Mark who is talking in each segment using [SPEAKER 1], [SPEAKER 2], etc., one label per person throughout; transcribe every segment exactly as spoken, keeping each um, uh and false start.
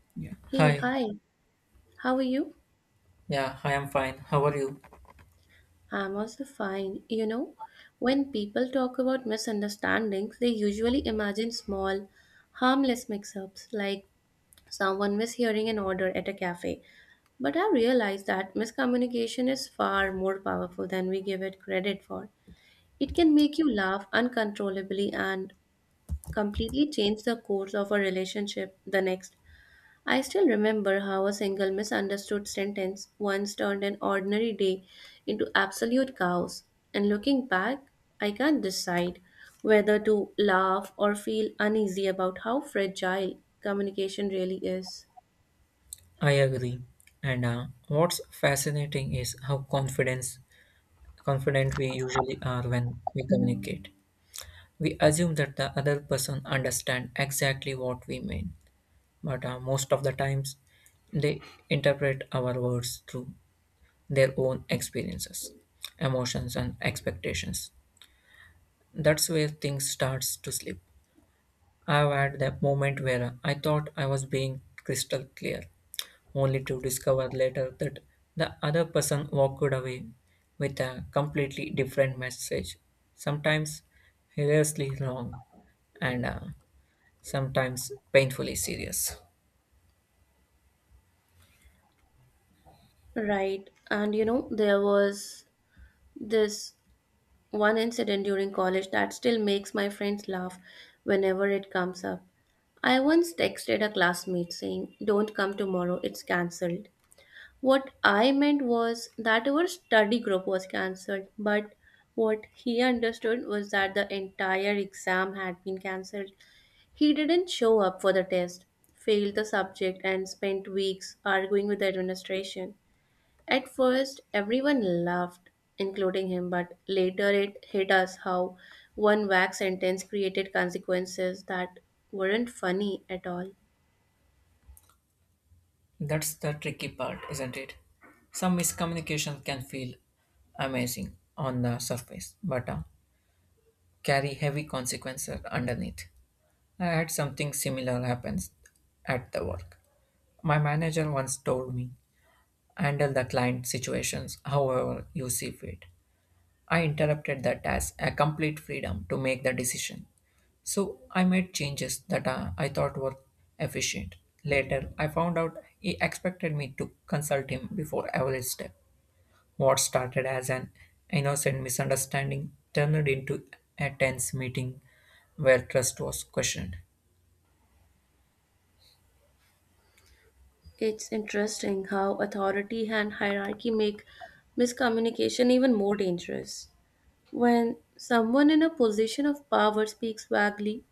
[SPEAKER 1] Hi. Yeah.
[SPEAKER 2] Hey,
[SPEAKER 1] Hi,
[SPEAKER 2] hi, how are you?
[SPEAKER 1] yeah, I am fine. How are you?
[SPEAKER 2] I'm also fine. You know, when people talk about misunderstandings, they usually imagine small, harmless mix ups like someone mishearing an order at a cafe. But I realize that miscommunication is far more powerful than we give it credit for. It can make you laugh uncontrollably and completely change the course of a relationship the next I still remember how a single misunderstood sentence once turned an ordinary day into absolute chaos. And looking back, I can't decide whether to laugh or feel uneasy about how fragile communication really is.
[SPEAKER 1] I agree. And uh, What's fascinating is how confidence confident we usually are when we communicate. We assume that the other person understand exactly what we mean, but uh, most of the times they interpret our words through their own experiences, emotions, and expectations. That's where things starts to slip. I've had that moment where I thought I was being crystal clear, only to discover later that the other person walked away with a completely different message, sometimes hilariously wrong and uh, sometimes painfully serious.
[SPEAKER 2] Right. And you know, there was this one incident during college that still makes my friends laugh whenever it comes up. I once texted a classmate saying, "Don't come tomorrow, it's cancelled." What I meant was that our study group was cancelled, but what he understood was that the entire exam had been cancelled. He didn't show up for the test, failed the subject, and spent weeks arguing with the administration. At first, everyone laughed, including him, but later it hit us how one vague sentence created consequences that weren't funny at all.
[SPEAKER 1] That's the tricky part, isn't it? Some miscommunication can feel amazing on the surface, but uh, carry heavy consequences underneath. I had something similar happens at the work. My manager once told me handle the client situations however you see fit. I interpreted that as a complete freedom to make the decision. So I made changes that uh, I thought were efficient. Later, I found out he expected me to consult him before every step. What started as an innocent misunderstanding turned into a tense meeting where trust was questioned.
[SPEAKER 2] It's interesting how authority and hierarchy make miscommunication even more dangerous. When someone in a position of power speaks vaguely,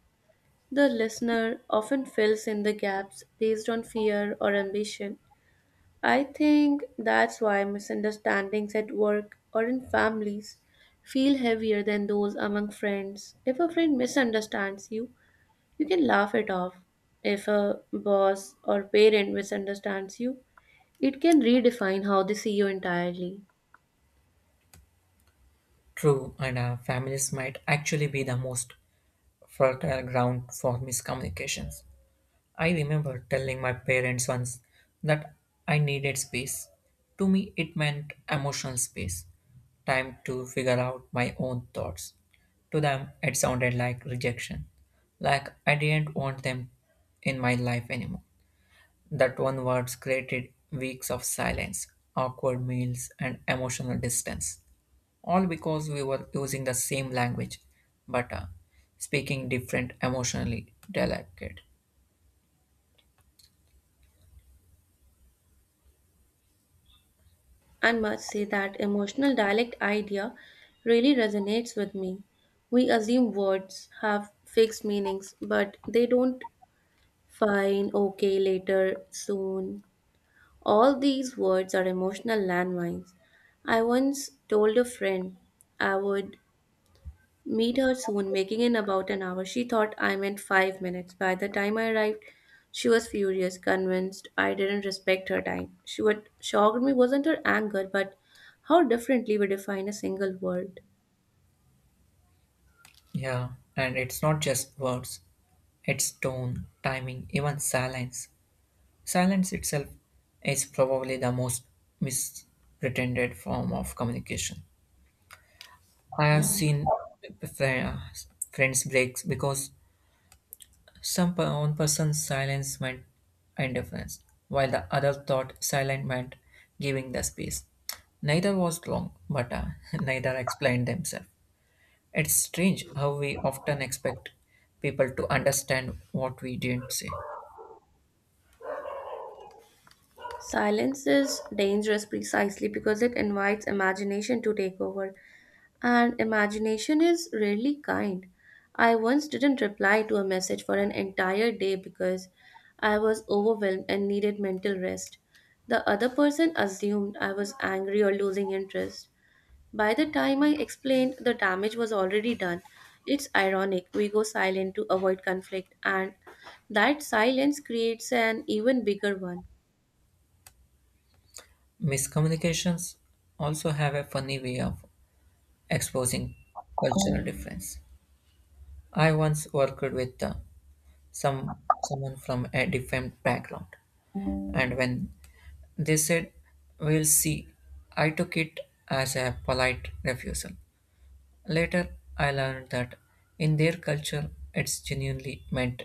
[SPEAKER 2] the listener often fills in the gaps based on fear or ambition. I think that's why misunderstandings at work or in families feel heavier than those among friends. If a friend misunderstands you, you can laugh it off. If a boss or parent misunderstands you, it can redefine how they see you entirely.
[SPEAKER 1] True, and uh, families might actually be the most fertile ground for miscommunications. I remember telling my parents once that I needed space. To me, it meant emotional space, time to figure out my own thoughts. To them, it sounded like rejection, like I didn't want them in my life anymore. That one word created weeks of silence, awkward meals, and emotional distance, all because we were using the same language but uh, speaking different emotionally delicate.
[SPEAKER 2] I must say that emotional dialect idea really resonates with me. We assume words have fixed meanings, but they don't. Fine, okay, later, soon. All these words are emotional landmines. I once told a friend I would meet her soon, making in about an hour. She thought I meant five minutes. By the time I arrived, she was furious, convinced I didn't respect her time. She what shocked me wasn't her anger, but how differently we define a single word.
[SPEAKER 1] Yeah, and it's not just words, it's tone, timing, even silence. Silence itself is probably the most mispretended form of communication. I have seen fri- friends breaks because some per- one person's silence meant indifference, while the other thought silent meant giving the space. Neither was wrong, but uh, neither explained themselves. It's strange how we often expect people to understand what we didn't say.
[SPEAKER 2] Silence is dangerous precisely because it invites imagination to take over. And imagination is rarely kind. I once didn't reply to a message for an entire day because I was overwhelmed and needed mental rest. The other person assumed I was angry or losing interest. By the time I explained, the damage was already done. It's ironic, we go silent to avoid conflict, and that silence creates an even bigger one.
[SPEAKER 1] Miscommunications also have a funny way of exposing cultural difference. I once worked with uh, some someone from a different background, and when they said, "We'll see," I took it as a polite refusal. Later, I learned that in their culture, it's genuinely meant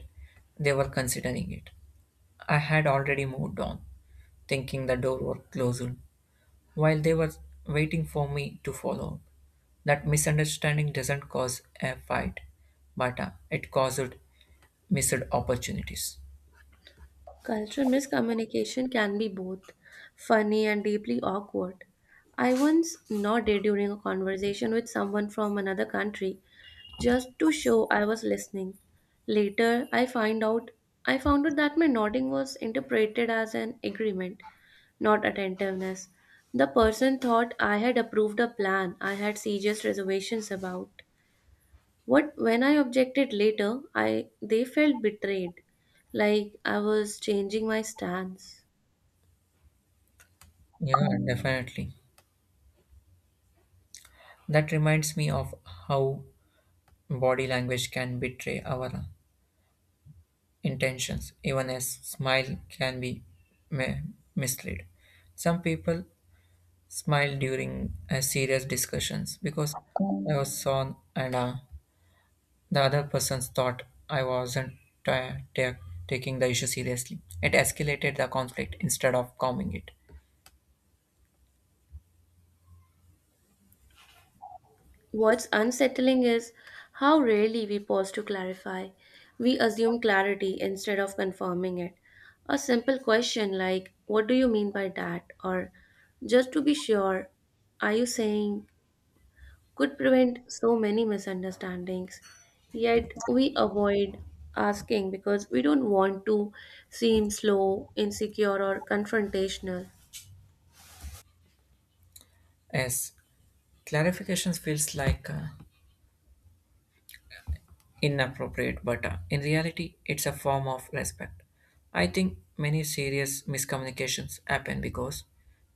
[SPEAKER 1] they were considering it. I had already moved on, thinking the door was closed while they were waiting for me to follow. That misunderstanding doesn't cause a fight, but uh, it caused missed opportunities.
[SPEAKER 2] Cultural miscommunication can be both funny and deeply awkward. I once nodded during a conversation with someone from another country just to show I was listening. Later, I find out I found out that my nodding was interpreted as an agreement, not attentiveness. The person thought I had approved a plan I had serious reservations about. What when I objected later, I they felt betrayed, like I was changing my stance.
[SPEAKER 1] Yeah, definitely. That reminds me of how body language can betray our uh, intentions. Even a s- smile can be ma- mislead. Some people smile during uh, serious discussions because they were sown and uh, the other person thought I wasn't ta- ta- taking the issue seriously. It escalated the conflict instead of calming it.
[SPEAKER 2] What's unsettling is how rarely we pause to clarify. We assume clarity instead of confirming it. A simple question like, "What do you mean by that?" or "just to be sure, are you saying" could prevent so many misunderstandings. Yet we avoid asking because we don't want to seem slow, insecure, or confrontational.
[SPEAKER 1] Yes, clarifications feels like uh, inappropriate, but uh, in reality, it's a form of respect. I think many serious miscommunications happen because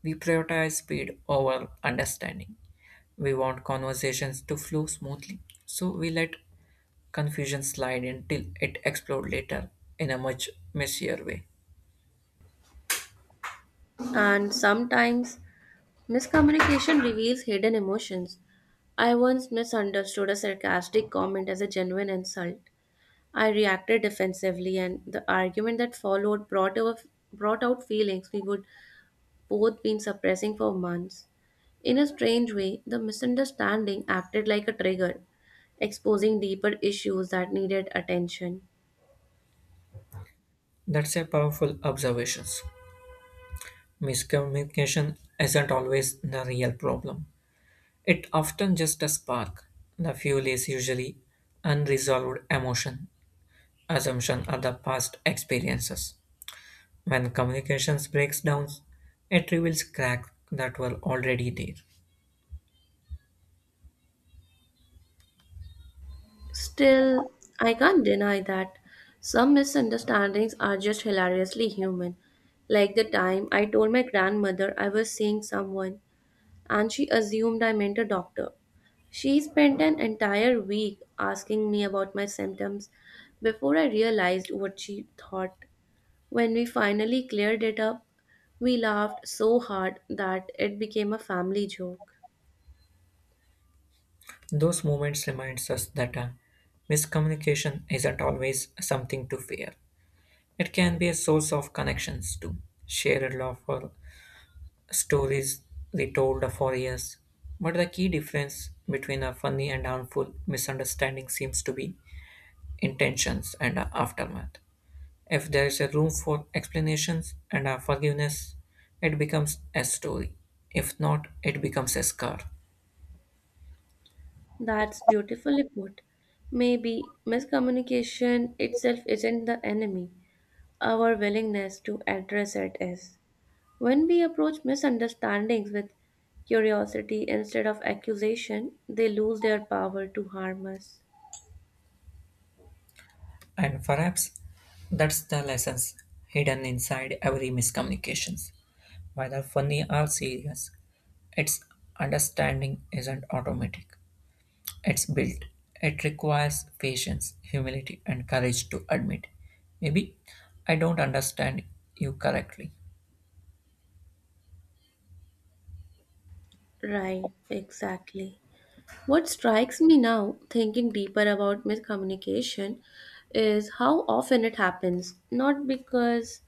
[SPEAKER 1] we prioritize speed over understanding. We want conversations to flow smoothly, so we let confusion slide in till it explodes later in a much messier way.
[SPEAKER 2] And sometimes miscommunication reveals hidden emotions. I once misunderstood a sarcastic comment as a genuine insult. I reacted defensively, and the argument that followed brought, out brought out feelings we would both been suppressing for months. In a strange way, the misunderstanding acted like a trigger, exposing deeper issues that needed attention.
[SPEAKER 1] That's a powerful observation. Miscommunication isn't always the real problem. It often just a spark. The fuel is usually unresolved emotion, assumption or the past experiences. When communications breaks down, it reveals cracks that were already there.
[SPEAKER 2] Still, I can't deny that some misunderstandings are just hilariously human. Like the time I told my grandmother I was seeing someone and she assumed I meant a doctor. She spent an entire week asking me about my symptoms before I realized what she thought. When we finally cleared it up, we laughed so hard that it became a family joke.
[SPEAKER 1] Those moments reminds us that uh, miscommunication isn't always something to fear. It can be a source of connections too. Shared love or stories retold for years. But the key difference between a funny and harmful misunderstanding seems to be intentions and a aftermath. If there is a room for explanations and a forgiveness, it becomes a story. If not, it becomes a scar.
[SPEAKER 2] That's beautifully put. Maybe miscommunication itself isn't the enemy, our willingness to address it is. When we approach misunderstandings with curiosity instead of accusation, they lose their power to harm us.
[SPEAKER 1] And perhaps that's the lessons hidden inside every miscommunications. Whether funny or serious, its understanding isn't automatic. It's built. It requires patience, humility, and courage to admit. Maybe I don't understand you correctly.
[SPEAKER 2] Right, exactly. What strikes me now, thinking deeper about miscommunication, is how often it happens. Not because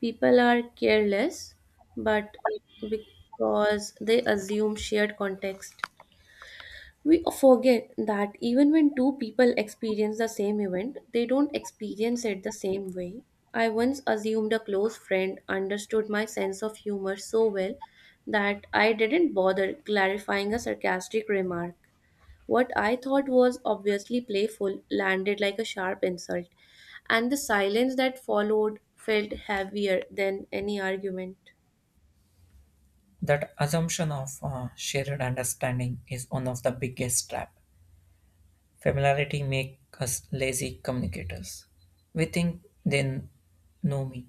[SPEAKER 2] people are careless, but because they assume shared context. We forget that even when two people experience the same event, they don't experience it the same way. I once assumed a close friend understood my sense of humor so well that I didn't bother clarifying a sarcastic remark. What I thought was obviously playful landed like a sharp insult, and the silence that followed felt heavier than any argument.
[SPEAKER 1] That assumption of uh, shared understanding is one of the biggest trap. Familiarity makes us lazy communicators. We think they know me,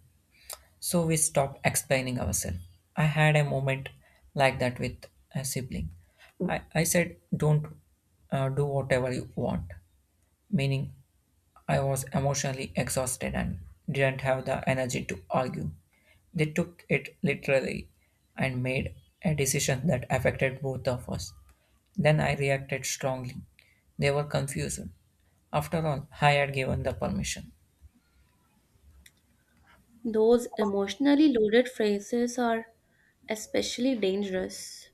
[SPEAKER 1] so we stop explaining ourselves. I had a moment like that with a sibling. I, I said, don't uh, do whatever you want, meaning I was emotionally exhausted and didn't have the energy to argue. They took it literally and made a decision that affected both of us. Then I reacted strongly. They were confused. After all, I had given the permission.
[SPEAKER 2] Those emotionally loaded phrases are especially dangerous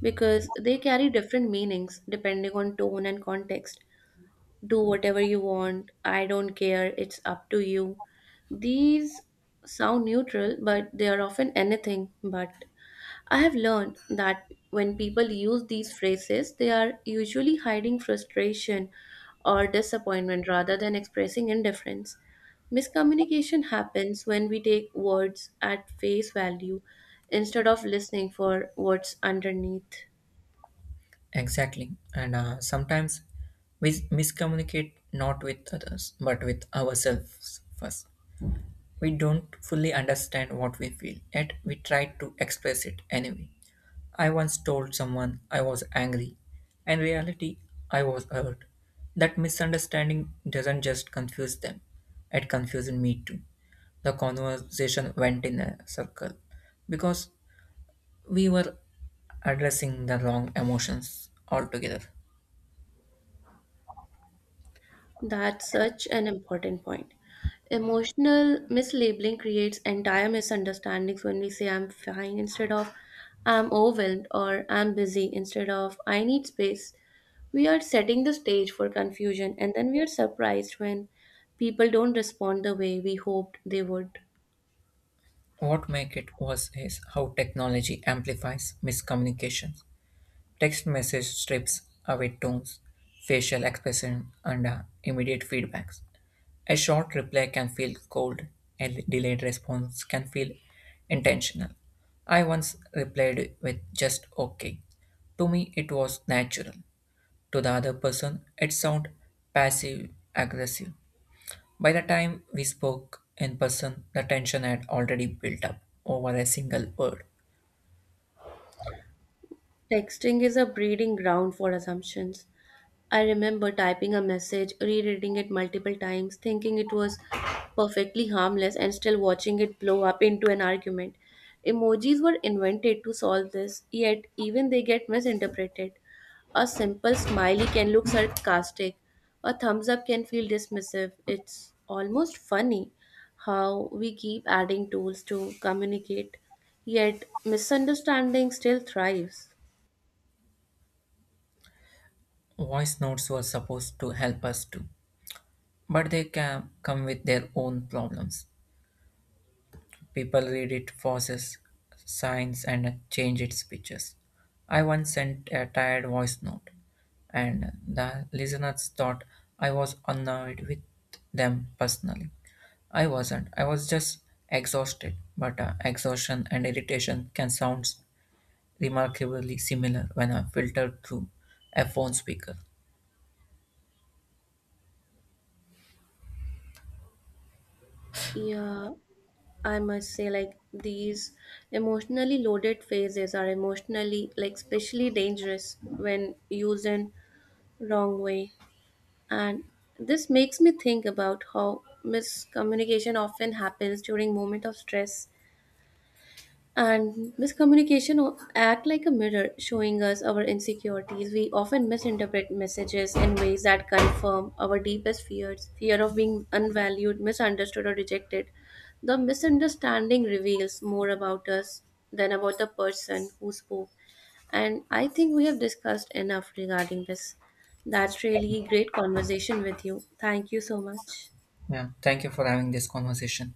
[SPEAKER 2] because they carry different meanings depending on tone and context. "Do whatever you want," "I don't care," "it's up to you." These sound neutral, but they are often anything but. I have learned that when people use these phrases, they are usually hiding frustration or disappointment rather than expressing indifference. Miscommunication happens when we take words at face value instead of listening for what's underneath.
[SPEAKER 1] Exactly. And uh, Sometimes we miscommunicate not with others, but with ourselves first. We don't fully understand what we feel, yet we try to express it anyway. I once told someone I was angry. In reality, I was hurt. That misunderstanding doesn't just confuse them, it confused me too. The conversation went in a circle because we were addressing the wrong emotions altogether.
[SPEAKER 2] That's such an important point. Emotional mislabeling creates entire misunderstandings when we say "I'm fine" instead of "I'm overwhelmed," or "I'm busy" instead of "I need space." We are setting the stage for confusion, and then we are surprised when people don't respond the way we hoped they would.
[SPEAKER 1] What made it worse is how technology amplifies miscommunications. Text message strips away tones, facial expression, and uh, immediate feedbacks. A short reply can feel cold, a l- delayed response can feel intentional. I once replied with just okay. To me, it was natural. To the other person, it sounded passive aggressive. By the time we spoke in person, the tension had already built up over a single word.
[SPEAKER 2] Texting is a breeding ground for assumptions. I remember typing a message, rereading it multiple times, thinking it was perfectly harmless, and still watching it blow up into an argument. Emojis were invented to solve this, yet, even they get misinterpreted. A simple smiley can look sarcastic, a thumbs up can feel dismissive. It's almost funny how we keep adding tools to communicate, yet, misunderstanding still thrives.
[SPEAKER 1] Voice notes were supposed to help us too, but they can come with their own problems. People read it, forces, signs, and change its pictures. I once sent a tired voice note, and the listeners thought I was annoyed with them personally. I wasn't. I was just exhausted. But uh, exhaustion and irritation can sound remarkably similar when are filtered through a phone speaker.
[SPEAKER 2] Yeah, I must say, like these emotionally loaded phases are emotionally, like, especially dangerous when used in wrong way. And this makes me think about how miscommunication often happens during moment of stress and miscommunication o- act like a mirror, showing us our insecurities. We often misinterpret messages in ways that confirm our deepest fears, fear of being unvalued, misunderstood, or rejected. The misunderstanding reveals more about us than about the person who spoke. And I think we have discussed enough regarding this. That's really great conversation with you. Thank you so much.
[SPEAKER 1] Yeah. Thank you for having this conversation.